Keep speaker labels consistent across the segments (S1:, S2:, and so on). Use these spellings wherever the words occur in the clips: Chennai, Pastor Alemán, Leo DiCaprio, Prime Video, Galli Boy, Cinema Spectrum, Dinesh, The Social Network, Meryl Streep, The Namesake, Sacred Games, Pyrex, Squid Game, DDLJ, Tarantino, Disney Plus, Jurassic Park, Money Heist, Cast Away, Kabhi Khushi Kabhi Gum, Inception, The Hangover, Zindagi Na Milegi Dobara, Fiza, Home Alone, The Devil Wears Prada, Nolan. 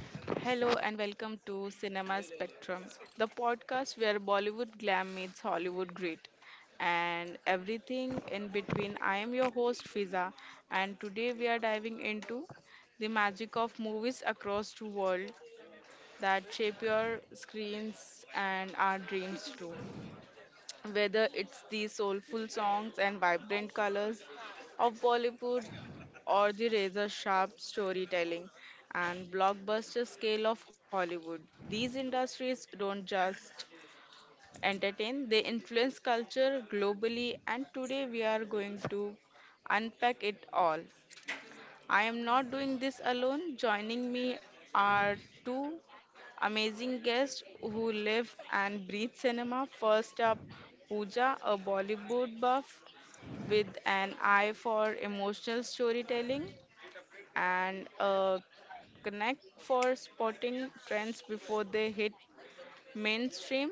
S1: Hello and welcome to Cinema Spectrum, the podcast where Bollywood glam meets Hollywood grit and everything in between. I am your host Fiza and today we are diving into the magic of movies across the world that shape your screens and our dreams too, whether it's the soulful songs and vibrant colors of Bollywood or the razor sharp storytelling and blockbuster scale of Hollywood. These industries don't just entertain, they influence culture globally, and today we are going to unpack it all. I am not doing this alone. Joining me are two amazing guests who live and breathe cinema. First up, Pooja, a Bollywood buff with an eye for emotional storytelling and a knack for spotting trends before they hit mainstream.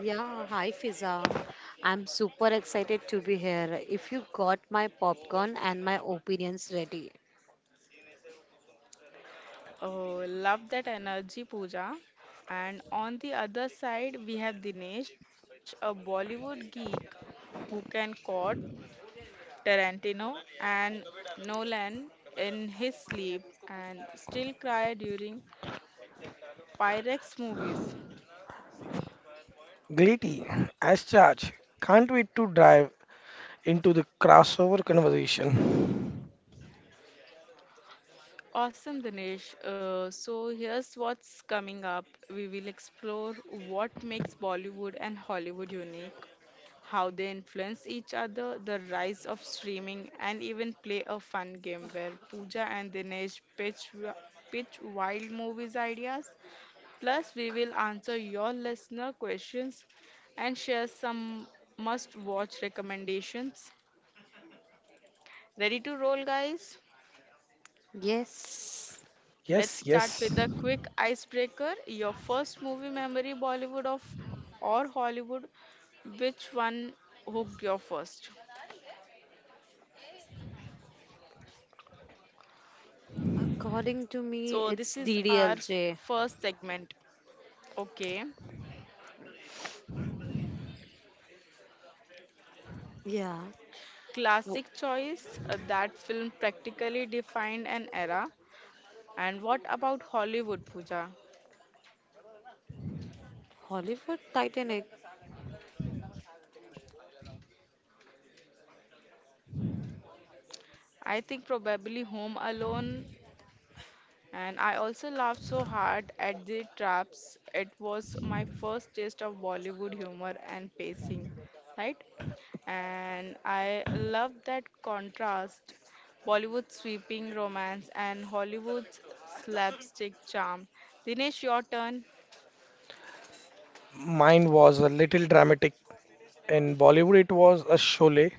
S2: Yeah, hi Fiza. I'm super excited to be here. If you got my popcorn and my opinions ready.
S1: Oh, love that energy, Pooja. And on the other side, we have Dinesh, a Bollywood geek who can caught Tarantino and Nolan in his sleep and still cry during Pyrex movies.
S3: Glitty, as charge. Can't wait to dive into the crossover conversation.
S1: Awesome, Dinesh. So here's what's coming up. We will explore what makes Bollywood and Hollywood unique, how they influence each other, the rise of streaming, and even play a fun game where Pooja and Dinesh pitch wild movies ideas. Plus, we will answer your listener questions and share some must watch recommendations. Ready to roll, guys?
S2: Yes.
S1: Let's
S3: Yes,
S1: start
S3: yes.
S1: with a quick icebreaker. Your first movie memory, Bollywood of or Hollywood, which one hooked you first?
S2: According to
S1: So,
S2: me,
S1: this is
S2: it's
S1: our
S2: DDLJ.
S1: first segment. Okay.
S2: Yeah. Ho-
S1: Classic choice. That film practically defined an era. And what about Hollywood, Pooja?
S2: Hollywood Titanic.
S1: I think probably Home Alone, and I also laughed so hard at the traps. It was my first taste of Bollywood humor and pacing, right? And I love that contrast, Bollywood's sweeping romance and Hollywood's slapstick charm. Dinesh, your turn.
S3: Mine was a little dramatic. In Bollywood, it was a sholay.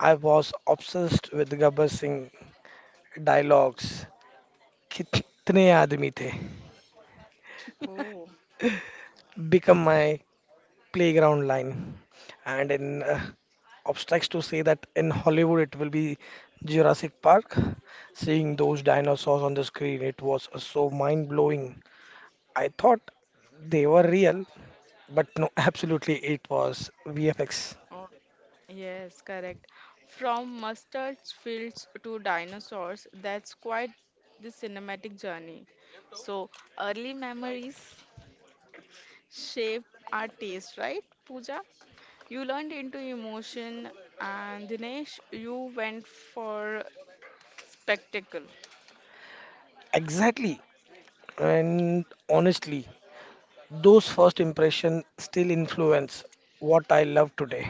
S3: I was obsessed with Gabbar Singh dialogues. Kitne aadmi the.
S1: Oh.
S3: Become my playground line. And in obstacles to say that in Hollywood, it will be Jurassic Park. Seeing those dinosaurs on the screen, it was so mind blowing. I thought they were real, but no, absolutely it was VFX.
S1: Oh, yes, correct. From mustard fields to dinosaurs, that's quite the cinematic journey. So, early memories shape our taste, right, Pooja? You learned into emotion, and Dinesh, you went for spectacle.
S3: Exactly. And honestly, those first impressions still influence what I love today.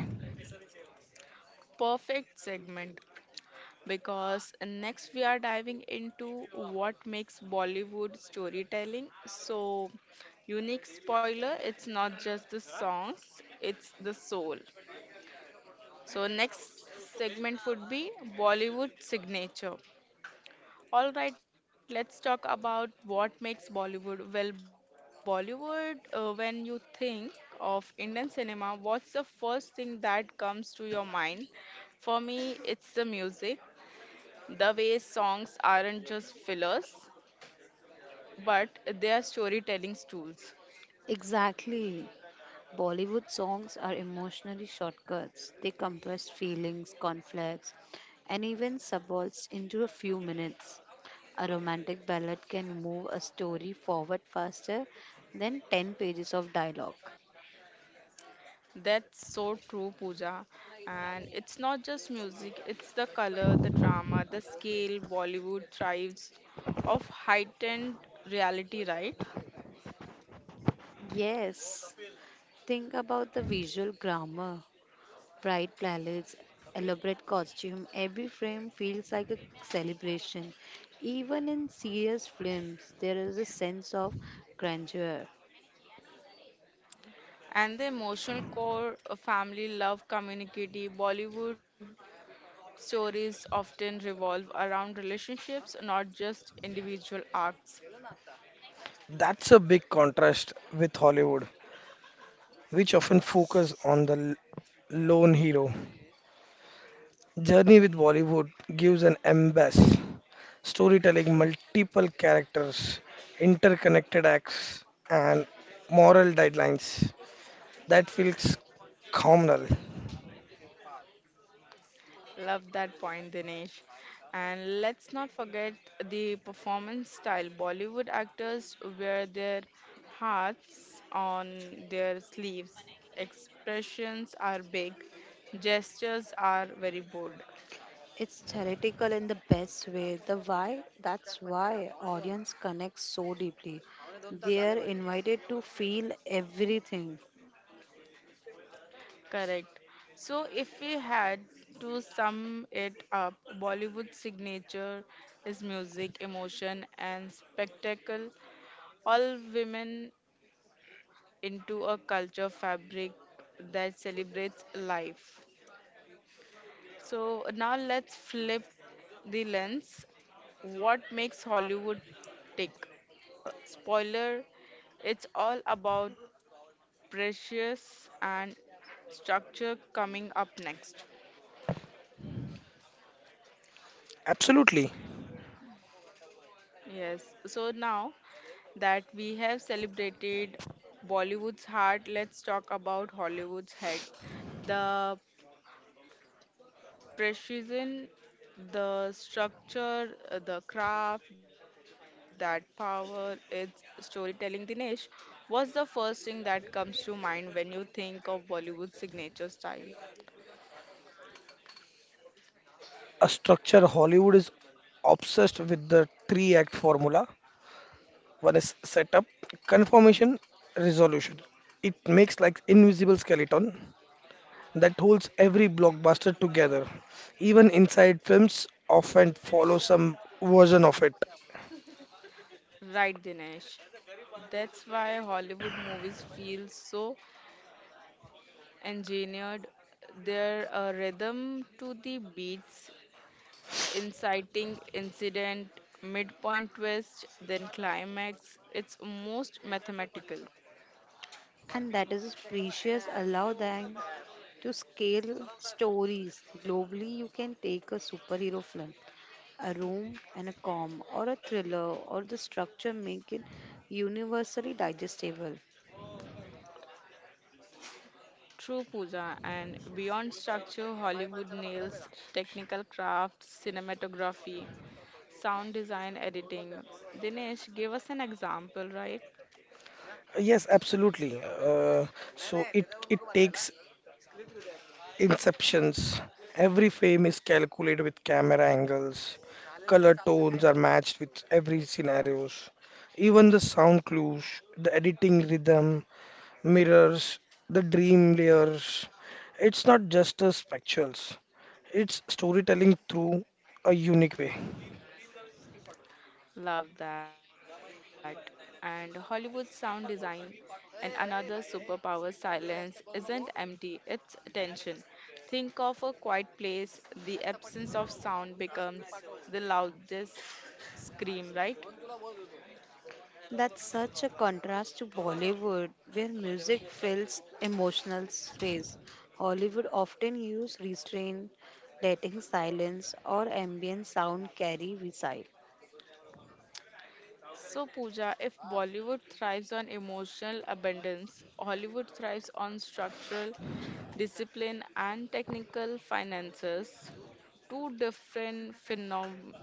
S1: Perfect segment, because next we are diving into what makes Bollywood storytelling so unique. Spoiler, it's not just the songs, it's the soul. So, next segment would be Bollywood signature. All right, let's talk about what makes Bollywood. Well, Bollywood, when you think of Indian cinema, what's the first thing that comes to your mind? For me, it's the music. The way songs aren't just fillers, but they are storytelling tools.
S2: Exactly. Bollywood songs are emotionally shortcuts. They compress feelings, conflicts, and even subplots into a few minutes. A romantic ballad can move a story forward faster than 10 pages of dialogue.
S1: That's so true, Pooja. And it's not just music, it's the color, the drama, the scale. Bollywood thrives of heightened reality, right?
S2: Yes, think about the visual grammar. Bright palettes, elaborate costume, every frame feels like a celebration. Even in serious films, there is a sense of grandeur.
S1: And the emotional core, family, love, community, Bollywood stories often revolve around relationships, not just individual arcs.
S3: That's a big contrast with Hollywood, which often focus on the lone hero. Journey with Bollywood gives an embass, storytelling, multiple characters, interconnected acts, and moral guidelines. That feels communal.
S1: Love that point, Dinesh. And let's not forget the performance style. Bollywood actors wear their hearts on their sleeves. Expressions are big, gestures are very bold.
S2: It's theoretical in the best way. The why, that's why audience connects so deeply. They are invited to feel everything,
S1: Correct. So, if we had to sum it up, Bollywood's signature is music, emotion, and spectacle. All women into a culture fabric that celebrates life. So now let's flip the lens. What makes Hollywood tick? Spoiler it's all about precious and structure coming up next.
S3: Absolutely.
S1: Yes, so now that we have celebrated Bollywood's heart, let's talk about Hollywood's head. The precision, the structure, the craft, that power, its storytelling. Dinesh, what's the first thing that comes to mind when you think of Bollywood's signature style?
S3: A structure Hollywood is obsessed with the three act formula. One is setup, confirmation, resolution. It makes like invisible skeleton that holds every blockbuster together. Even inside films often follow some version of it.
S1: Right, Dinesh. That's why Hollywood movies feel so engineered. Their rhythm to the beats, inciting incident, midpoint twist, then climax. It's most mathematical.
S2: and that is precious. Allow them to scale stories globally. You can take a superhero film, a room, and a com, or a thriller, or the structure make it universally digestible.
S1: True, Pooja, and beyond structure, Hollywood nails technical crafts, cinematography, sound design, editing. Dinesh, give us an example, right?
S3: Yes, absolutely. So it takes Inceptions. Every frame is calculated with camera angles. Color tones are matched with every scenarios. Even the sound clues, the editing rhythm, mirrors, the dream layers. It's not just a spectacles. It's storytelling through a unique way.
S1: Love that. And Hollywood sound design and another superpower, silence, isn't empty, it's tension. Think of a quiet place, the absence of sound becomes the loudest scream, right?
S2: That's such a contrast to Bollywood, where music fills emotional space. Hollywood often use restraint, letting silence or ambient sound carry beside.
S1: So, Pooja, if Bollywood thrives on emotional abundance, Hollywood thrives on structural discipline and technical finances, two different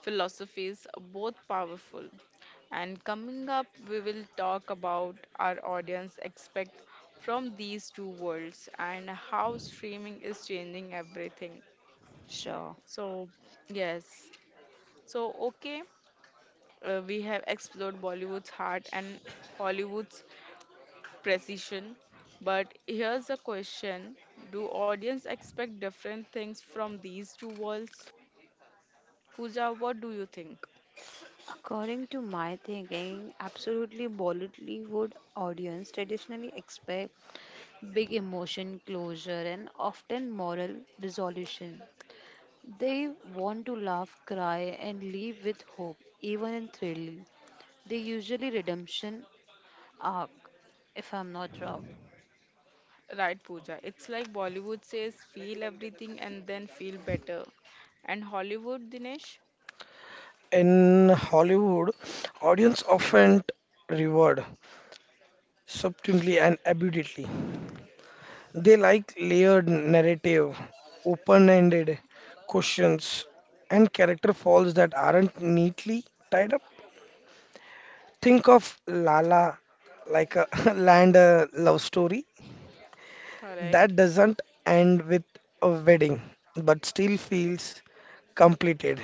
S1: philosophies, both powerful. And coming up, we will talk about our audience expect from these two worlds and how streaming is changing everything.
S2: Sure.
S1: So, yes. So, okay. We have explored Bollywood's heart and Hollywood's precision. But here's a question. Do audience expect different things from these two worlds? Pooja, what do you think?
S2: According to my thinking, absolutely Bollywood audience traditionally expect big emotion closure and often moral resolution. They want to laugh, cry, and leave with hope, even in thrill. They usually redemption arc, if I'm not wrong.
S1: Right, Pooja. It's like Bollywood says, feel everything and then feel better. And Hollywood, Dinesh?
S3: In Hollywood, audience often reward subtly and abundantly. They like layered narrative, open-ended questions, and character flaws that aren't neatly tied up. Think of Lala like a land love story that
S1: Correct.
S3: doesn't end with a wedding but still feels completed.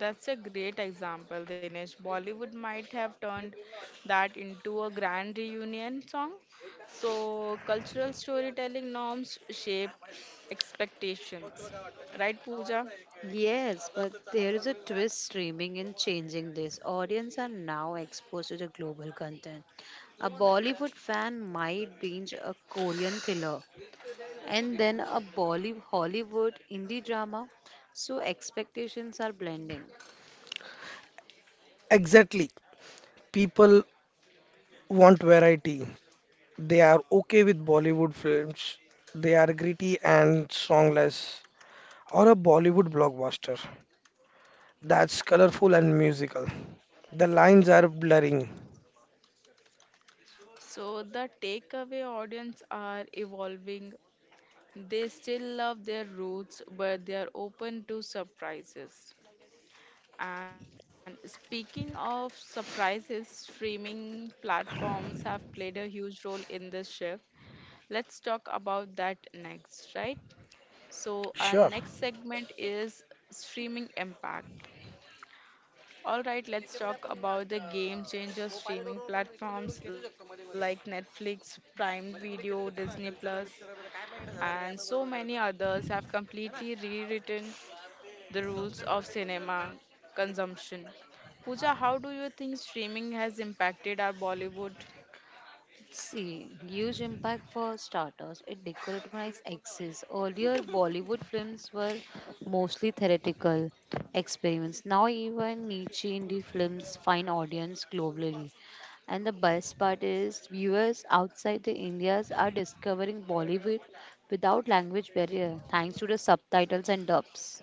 S1: That's a great example, Dinesh. Bollywood might have turned that into a grand reunion song. So, cultural storytelling norms shape expectations. Right, Pooja?
S2: Yes, but there is a twist streaming in changing this. Audience are now exposed to the global content. A Bollywood fan might binge a Korean thriller and then a Hollywood indie drama, so expectations are blending.
S3: Exactly. People want variety. They are okay with Bollywood films. They are gritty and songless or a Bollywood blockbuster that's colorful and musical. The lines are blurring.
S1: So, the takeaway audience are evolving. They still love their roots, but they are open to surprises. And speaking of surprises, streaming platforms have played a huge role in this shift. Let's talk about that next, right? So, our
S3: Sure.
S1: next segment is streaming impact. All right, let's talk about the game changer. Streaming platforms like Netflix, Prime Video, Disney Plus, and so many others have completely rewritten the rules of cinema consumption. Pooja, how do you think streaming has impacted our Bollywood?
S2: See, huge impact for starters. It decolonized axis. Earlier, Bollywood films were mostly theoretical experiments. Now, even niche indie films find audience globally. And the best part is, viewers outside the Indias are discovering Bollywood without language barrier, thanks to the subtitles and dubs.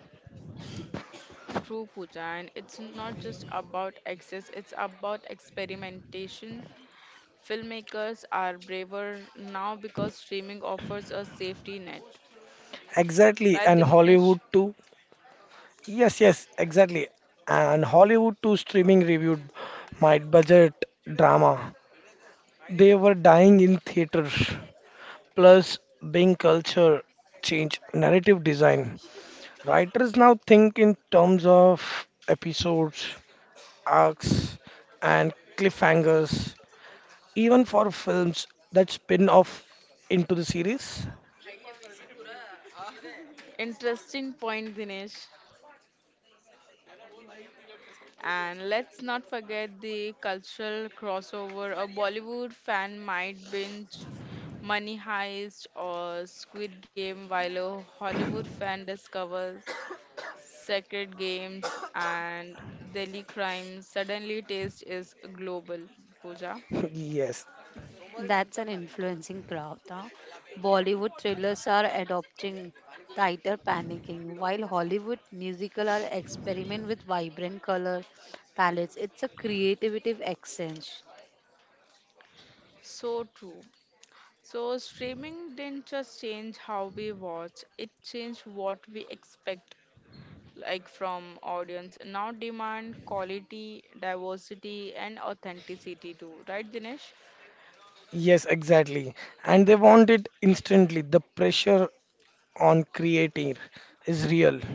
S1: True, Pooja, and it's not just about access, it's about experimentation. Filmmakers are braver now because streaming offers a safety net.
S3: Exactly.
S1: Right,
S3: And
S1: Dinesh?
S3: Hollywood too. Yes, yes, exactly. And Hollywood too streaming reviewed my budget drama. They were dying in theaters. Plus, being culture change narrative design. Writers now think in terms of episodes, arcs, and cliffhangers, even for films that spin off into the series.
S1: Interesting point, Dinesh. And let's not forget the cultural crossover. A Bollywood fan might binge Money Heist or Squid Game while a Hollywood fan discovers Sacred Games, and Delhi Crime. Suddenly taste is global, Pooja.
S3: Yes,
S2: That's an influencing crowd, huh? Bollywood thrillers are adopting tighter panicking, while Hollywood musical are experiment with vibrant color palettes. It's a creative exchange.
S1: So true. So streaming didn't just change how we watch, it changed what we expect like from audience. Now demand quality, diversity and authenticity too, right Dinesh?
S3: yes, exactly. And they want it instantly. The pressure on creating is real.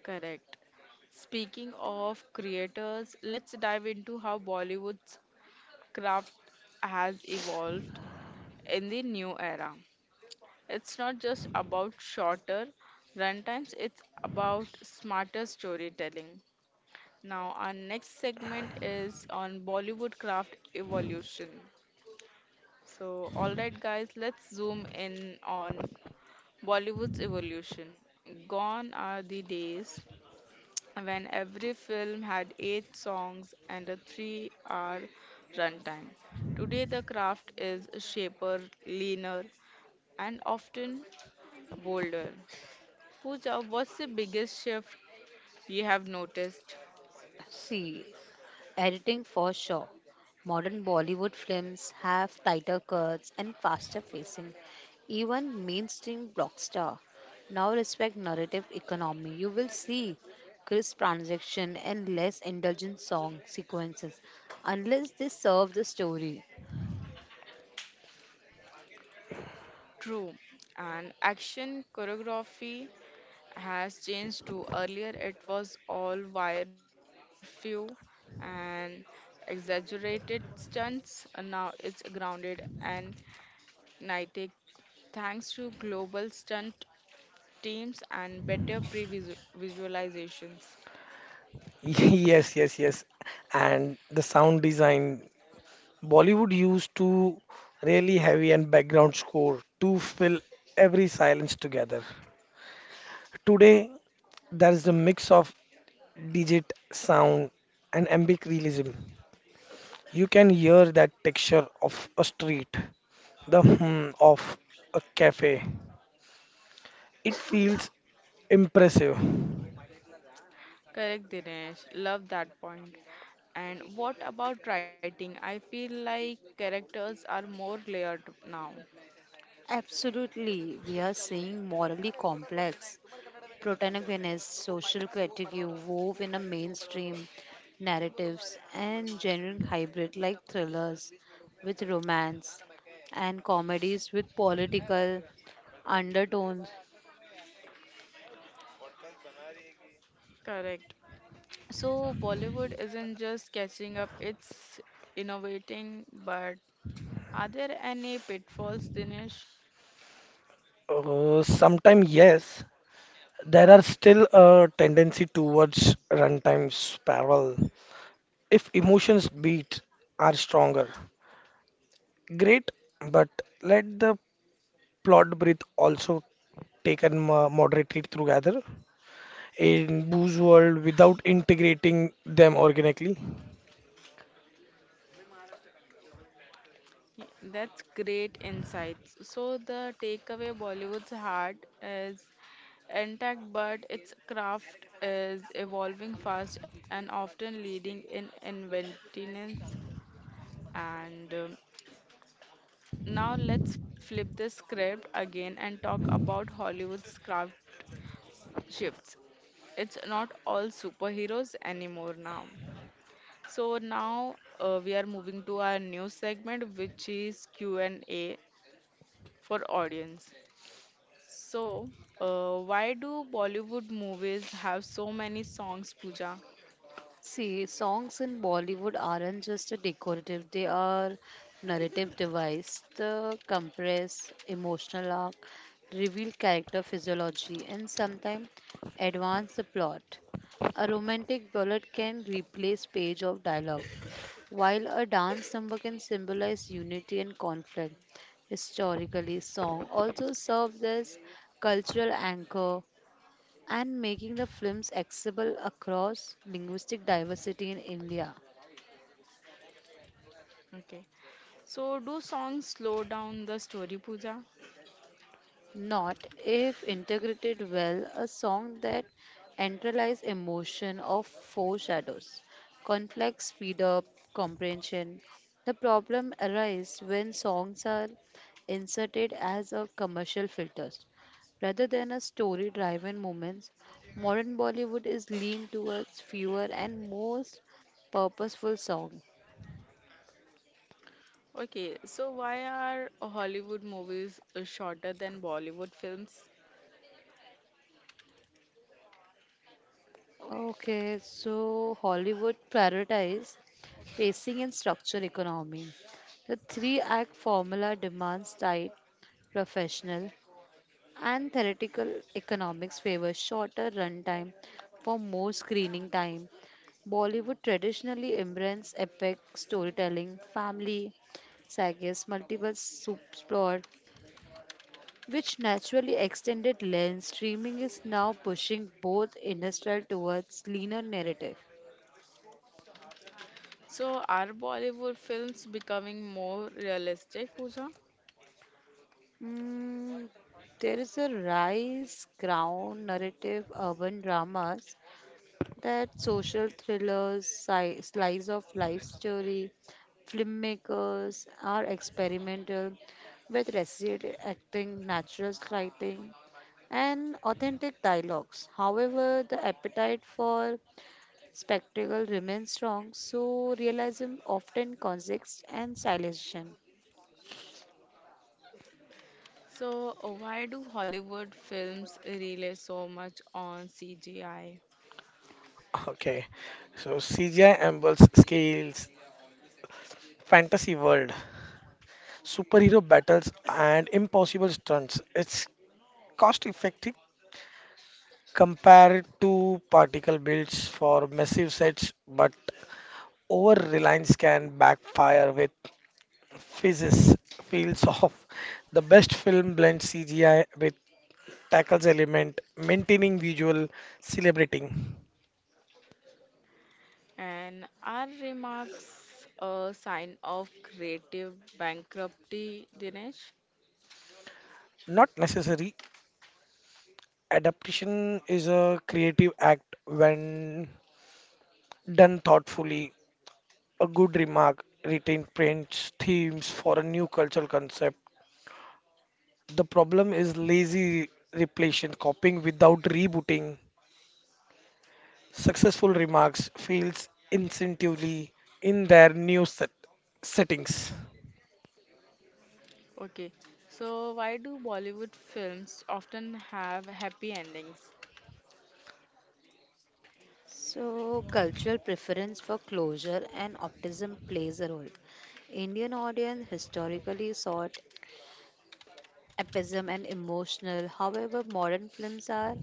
S1: Correct. Speaking of creators, let's dive into how Bollywood's craft has evolved in the new era. It's not just about shorter runtimes, it's about smarter storytelling. Now, our next segment is on Bollywood craft evolution. So, alright, guys, let's zoom in on Bollywood's evolution. Gone are the days when every film had eight songs and a 3 hour runtime. Today, the craft is shaper, leaner, and often bolder. Pooja, what's the biggest shift you have noticed?
S2: See, editing for sure. Modern Bollywood films have tighter cuts and faster pacing. Even mainstream blockbuster now respect narrative economy. You will see crisp transaction and less indulgent song sequences unless they serve the story.
S1: True. And action choreography has changed too. Earlier, it was all wire few and exaggerated stunts. And now it's grounded and kinetic thanks to global stunt teams and better pre-visualizations.
S3: Yes, yes, yes. And the sound design. Bollywood used to really heavy and background score to fill every silence together. Today, there is a mix of digit sound and ambient realism. You can hear that texture of a street, the hum of a cafe. It feels impressive.
S1: Correct, Dinesh. Love that point. And what about writing? I feel like characters are more layered now.
S2: Absolutely, we are seeing morally complex protagonists, social critique wove in a mainstream narratives and generic hybrid like thrillers with romance and comedies with political undertones.
S1: Correct. So Bollywood isn't just catching up, it's innovating, but are there any pitfalls, Dinesh?
S3: Sometimes yes, there are still a tendency towards runtime spiral. If emotions beat are stronger, great, but let the plot breathe also take and moderate it together in Boo's world without integrating them organically.
S1: That's great insights. So the takeaway Bollywood's heart is intact, but its craft is evolving fast and often leading in inventiveness. And now let's flip the script again and talk about Hollywood's craft shifts. It's not all superheroes anymore now. So now we are moving to our new segment, which is Q&A for audience. So, why do Bollywood movies have so many songs, Pooja?
S2: See, songs in Bollywood aren't just a decorative, they are narrative device. They compress emotional arc, reveal character physiology, and sometimes advance the plot. A romantic ballad can replace page of dialogue, while a dance number can symbolize unity and conflict. Historically, song also serves as cultural anchor and making the films accessible across linguistic diversity in India.
S1: Okay. So, do songs slow down the story, Pooja?
S2: Not if integrated well, a song that enterlies emotion or foreshadows, conflict, speed up, comprehension. The problem arises when songs are inserted as a commercial filters rather than a story driven moments. Modern Bollywood is lean towards fewer and most purposeful songs.
S1: Okay, so why are Hollywood movies shorter than Bollywood films?
S2: Okay, so Hollywood prioritize pacing and structure economy. The three act formula demands tight, professional, and theoretical economics favor shorter runtime for more screening time. Bollywood traditionally embraces epic storytelling, family sagas, multiple subplot, which naturally extended length. Streaming is now pushing both industrial towards leaner narrative.
S1: So are Bollywood films becoming more realistic, Pooja?
S2: Mm, there is a rise crown narrative urban dramas that social thrillers, slice of life story, filmmakers are experimental with resident acting, natural lighting, and authentic dialogues. However, the appetite for spectacle remains strong, so realism often consists and silenciation.
S1: So why do Hollywood films rely so much on CGI?
S3: Okay, so CGI ambles scales, fantasy world, superhero battles, and impossible stunts. It's cost effective. Compare it to particle builds for massive sets, but over-reliance can backfire with physics fields off. The best film blends CGI with tackles element, maintaining visual, celebrating.
S1: And are remarks a sign of creative bankruptcy, Dinesh?
S3: Not necessary. Adaptation is a creative act when done thoughtfully. A good remark, retained prints, themes for a new cultural concept. The problem is lazy repletion, copying without rebooting. Successful remarks fails instinctively in their new set settings.
S1: Okay, so why do Bollywood films often have happy endings?
S2: So, cultural preference for closure and optimism plays a role. Indian audience historically sought epism and emotional. However, modern films are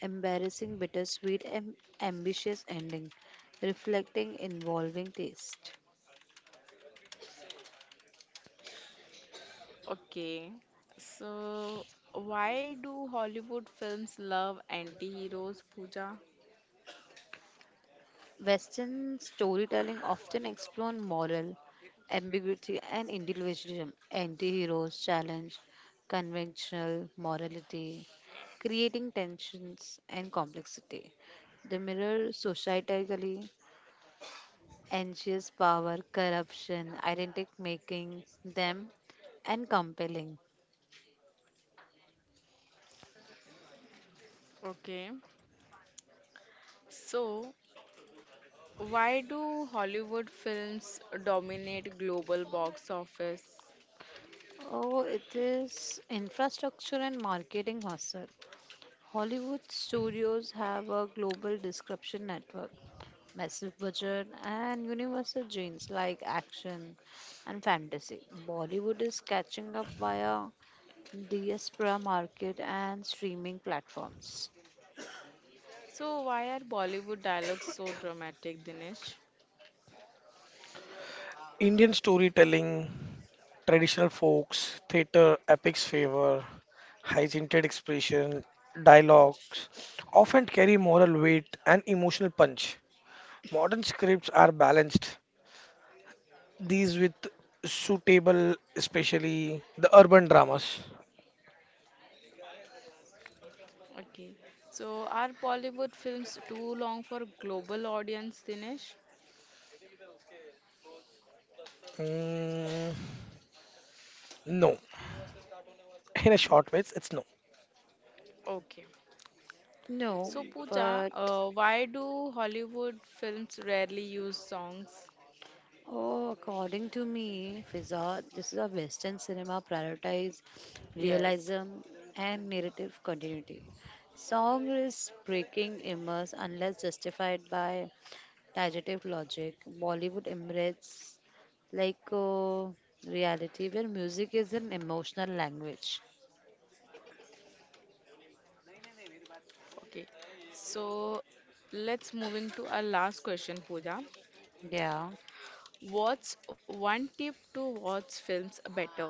S2: embarrassing, bittersweet, and ambitious ending, reflecting evolving taste.
S1: Okay, so why do Hollywood films love anti-heroes, Pooja?
S2: Western storytelling often explores moral ambiguity and individualism, anti-heroes challenge conventional morality, creating tensions and complexity. They mirror societally anxious power, corruption, identity making them and compelling.
S1: Okay, so why do Hollywood films dominate global box office?
S2: Oh, it is infrastructure and marketing hustle. Hollywood studios have a global distribution network, massive budget, and universal genes like action and fantasy. Bollywood is catching up via diaspora market and streaming platforms.
S1: So why are Bollywood dialogues so dramatic, Dinesh?
S3: Indian storytelling, traditional folks, theatre, epics favor, high-tinted expression, dialogues often carry moral weight and emotional punch. Modern scripts are balanced, these with suitable, especially the urban dramas.
S1: Okay, so are Bollywood films too long for global audience, Dinesh?
S3: Mm, no. In a short way, it's no.
S1: Okay.
S2: No,
S1: So Pooja,
S2: but
S1: why do Hollywood films rarely use songs?
S2: oh, according to me, Fiza, this is a Western cinema prioritize
S1: Yes.
S2: realism and narrative continuity. Song is breaking immerse unless justified by direct logic. Bollywood embraces like reality where music is an emotional language.
S1: Okay, so let's move into our last question, Pooja.
S2: Yeah.
S1: What's one tip to watch films better?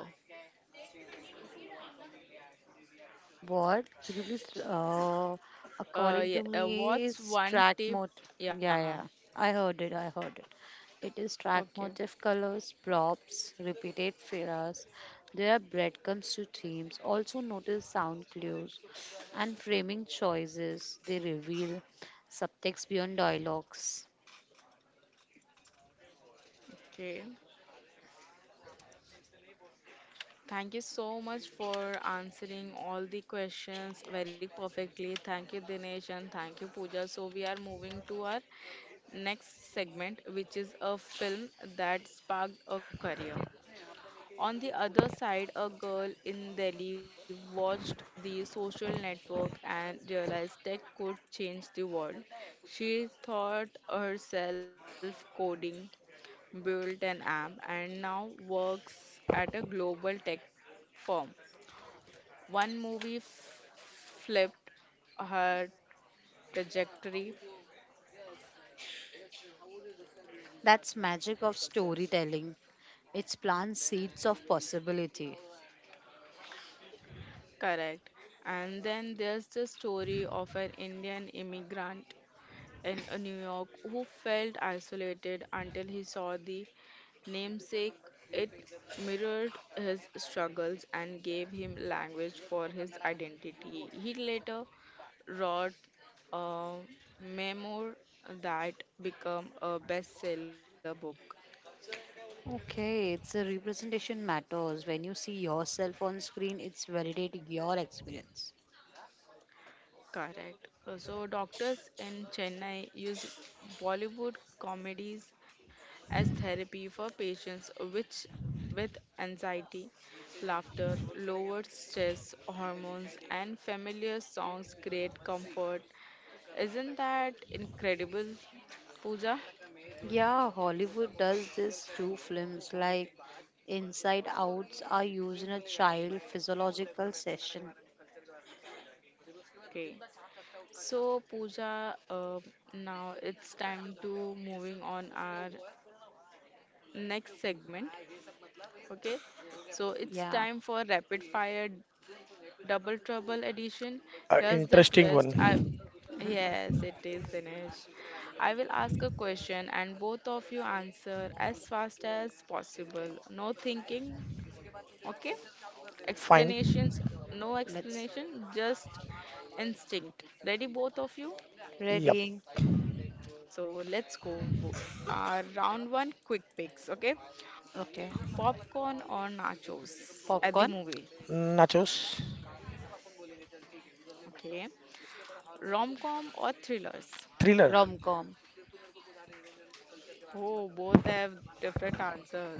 S2: What? Could you please, according
S1: Yeah,
S2: to me,
S1: what's
S2: is
S1: one
S2: track
S1: tip?
S2: motive.
S1: Yeah,
S2: Yeah, yeah. I heard it. I heard it. It is track
S1: okay,
S2: motive colors, props, repeated phrases. There are breadcrumbs to themes. Also notice sound clues and framing choices. They reveal subtext beyond dialogues.
S1: okay. Thank you so much for answering all the questions very perfectly. Thank you, Dinesh, and thank you, Pooja. So we are moving to our next segment, which is a film that sparked a career. On the other side, a girl in Delhi watched the social network and realized tech could change the world. She taught herself coding, built an app, and now works at a global tech firm. One movie flipped her trajectory,
S2: That's magic of storytelling. It plants seeds of possibility.
S1: correct. And then there's the story of an Indian immigrant in New York who felt isolated until he saw the namesake. It mirrored his struggles and gave him language for his identity. He later wrote a memoir that became a bestseller book.
S2: Okay, it's a representation matters. When you see yourself on screen, it's validating your experience.
S1: Correct. So doctors in Chennai use Bollywood comedies as therapy for patients which with anxiety, laughter, lowered stress hormones, and familiar songs create comfort. Isn't that incredible, Pooja?
S2: Yeah, Hollywood does this too. Films like Inside Outs are used in a child physiological session.
S1: Okay. So, Pooja, now it's time to moving on our next segment. Okay. So it's
S2: Yeah,
S1: time for rapid fire Double Trouble edition.
S3: A
S1: Here's the
S3: interesting one.
S1: twist. I yes, it is Dinesh. I will ask a question and both of you answer as fast as possible. No thinking, okay?
S3: Fine.
S1: Explanations, no
S2: let's
S1: explanation, just instinct. Ready, both of you?
S3: Yep.
S2: ready.
S1: So let's go. Round one, quick picks, okay?
S2: Okay.
S1: Popcorn or nachos at the movie,
S2: popcorn.
S3: Nachos.
S1: okay? Rom-com or thrillers?
S3: Thriller.
S2: Rom com.
S1: Oh, both have different answers.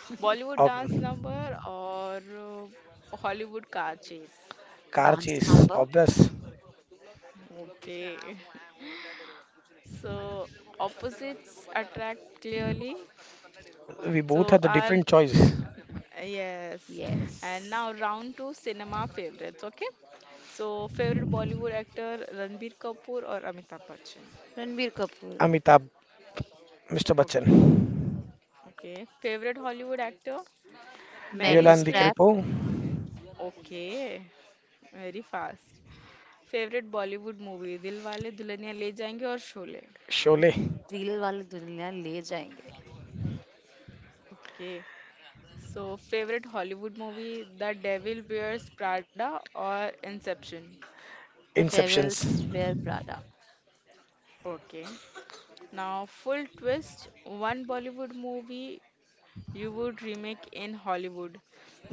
S1: Bollywood
S3: Ob
S1: dance number or Hollywood car chase?
S3: car
S2: dance
S3: chase.
S2: Number.
S3: Obvious.
S1: Okay. So opposites attract clearly.
S3: We both
S1: So
S3: had the
S1: and
S3: different choice.
S1: yes.
S2: Yes.
S1: And now round two cinema favorites, okay? So favorite Bollywood actor Ranbir Kapoor or Amitabh Bachchan?
S2: Ranbir Kapoor.
S3: Amitabh, Mr.
S1: Okay.
S3: Bachchan.
S1: Okay. Favorite Hollywood actor? Mary
S2: मेली
S3: Leoland
S1: Streep?
S2: Streep.
S3: DiCaprio,
S1: Okay. Very fast. Favourite Bollywood movie Dilwale Dulhania Le Jayenge और Sholay
S3: Sholay,
S2: reel वाले दुनिया ले जाएंगे.
S1: Okay so favourite Hollywood movie The Devil Wears Prada और Inception
S2: the
S3: Inceptions.
S2: Devil's Wear Prada.
S1: Okay now full twist one Bollywood movie you would remake in Hollywood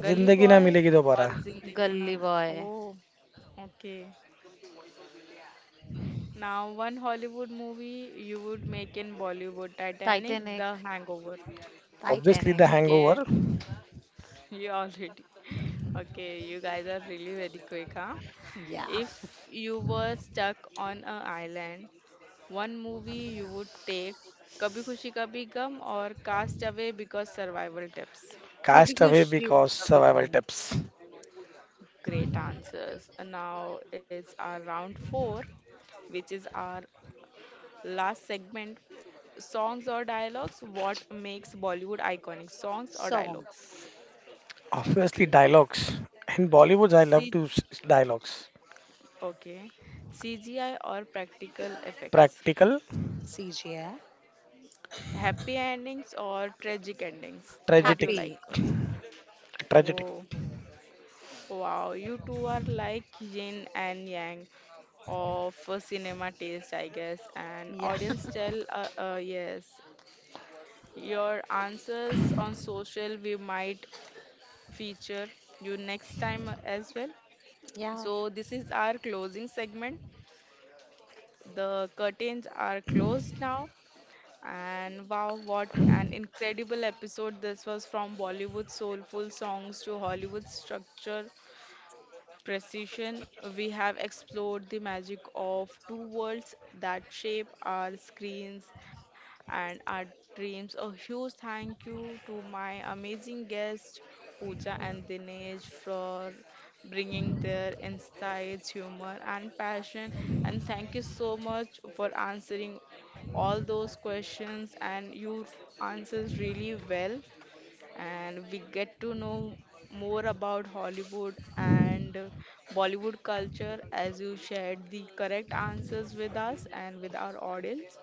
S1: Gully
S3: Zindagi na
S1: boy
S3: Milegi Dobara.
S1: और जिंदगी
S2: Gully
S1: नाम
S2: Boy.
S1: Oh okay now one Hollywood movie you would make in Bollywood Titanic the
S2: Titanic.
S1: Hangover
S3: Obviously the
S2: Titanic,
S1: okay
S3: hangover.
S1: You already. Okay, you guys are really very quick, huh?
S2: yeah.
S1: If you were stuck on an island, one movie you would take Kabhi Khushi Kabhi Gum or Cast Away because survival tips.
S2: Kabhi
S3: Cast away
S2: Khushi,
S3: because
S2: Kabhi
S3: survival
S2: Gum,
S3: tips.
S1: Great answers. And now it's our round four, which is our last segment. Songs or dialogues? What makes Bollywood iconic? Songs or dialogues?
S2: songs,
S3: Obviously
S1: Okay.
S3: dialogues. In bollywood I love
S1: C
S3: to dialogues.
S1: okay. CGI or practical effects?
S3: Practical.
S2: CGI,
S1: Happy endings or tragic endings? What do
S3: Tragic.
S1: you like?
S2: happy,
S3: Tragic.
S1: Oh, wow, you two are like yin and yang of cinema taste, I guess. And
S2: yeah,
S1: audience tell, yes, your answers on social we might feature you next time as well.
S2: yeah.
S1: So this is our closing segment. The curtains are closed now. And wow, what an incredible episode this was from Bollywood soulful songs to Hollywood structure precision, we have explored the magic of two worlds that shape our screens and our dreams. A huge thank you to my amazing guests, Pooja and Dinesh, for bringing their insights, humor, and passion. And thank you so much for answering all those questions and your answers really well and we get to know more about Hollywood and Bollywood culture as you shared the correct answers with us and with our audience.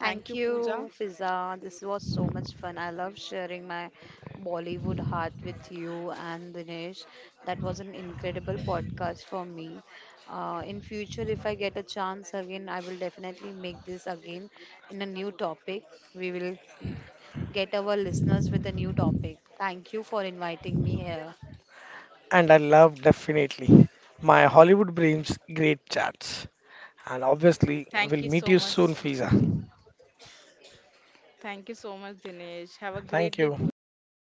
S1: Thank
S2: Thank
S1: you, Pooja.
S2: you, Fiza. This was so much fun. I love sharing my Bollywood heart with you and Dinesh. That was an incredible podcast for me. In future, if I get a chance again, I will definitely make this again in a new topic. We will get our listeners with a new topic. Thank you for inviting me here.
S3: And I love definitely my Hollywood dreams, great chats. And obviously,
S1: Thank
S3: we'll
S1: you
S3: meet
S1: so
S3: you
S1: much.
S3: soon, Fiza.
S1: Thank you so much, Dinesh. Have a great day,
S3: Thank
S1: Pooja and
S3: you.
S1: Dinesh.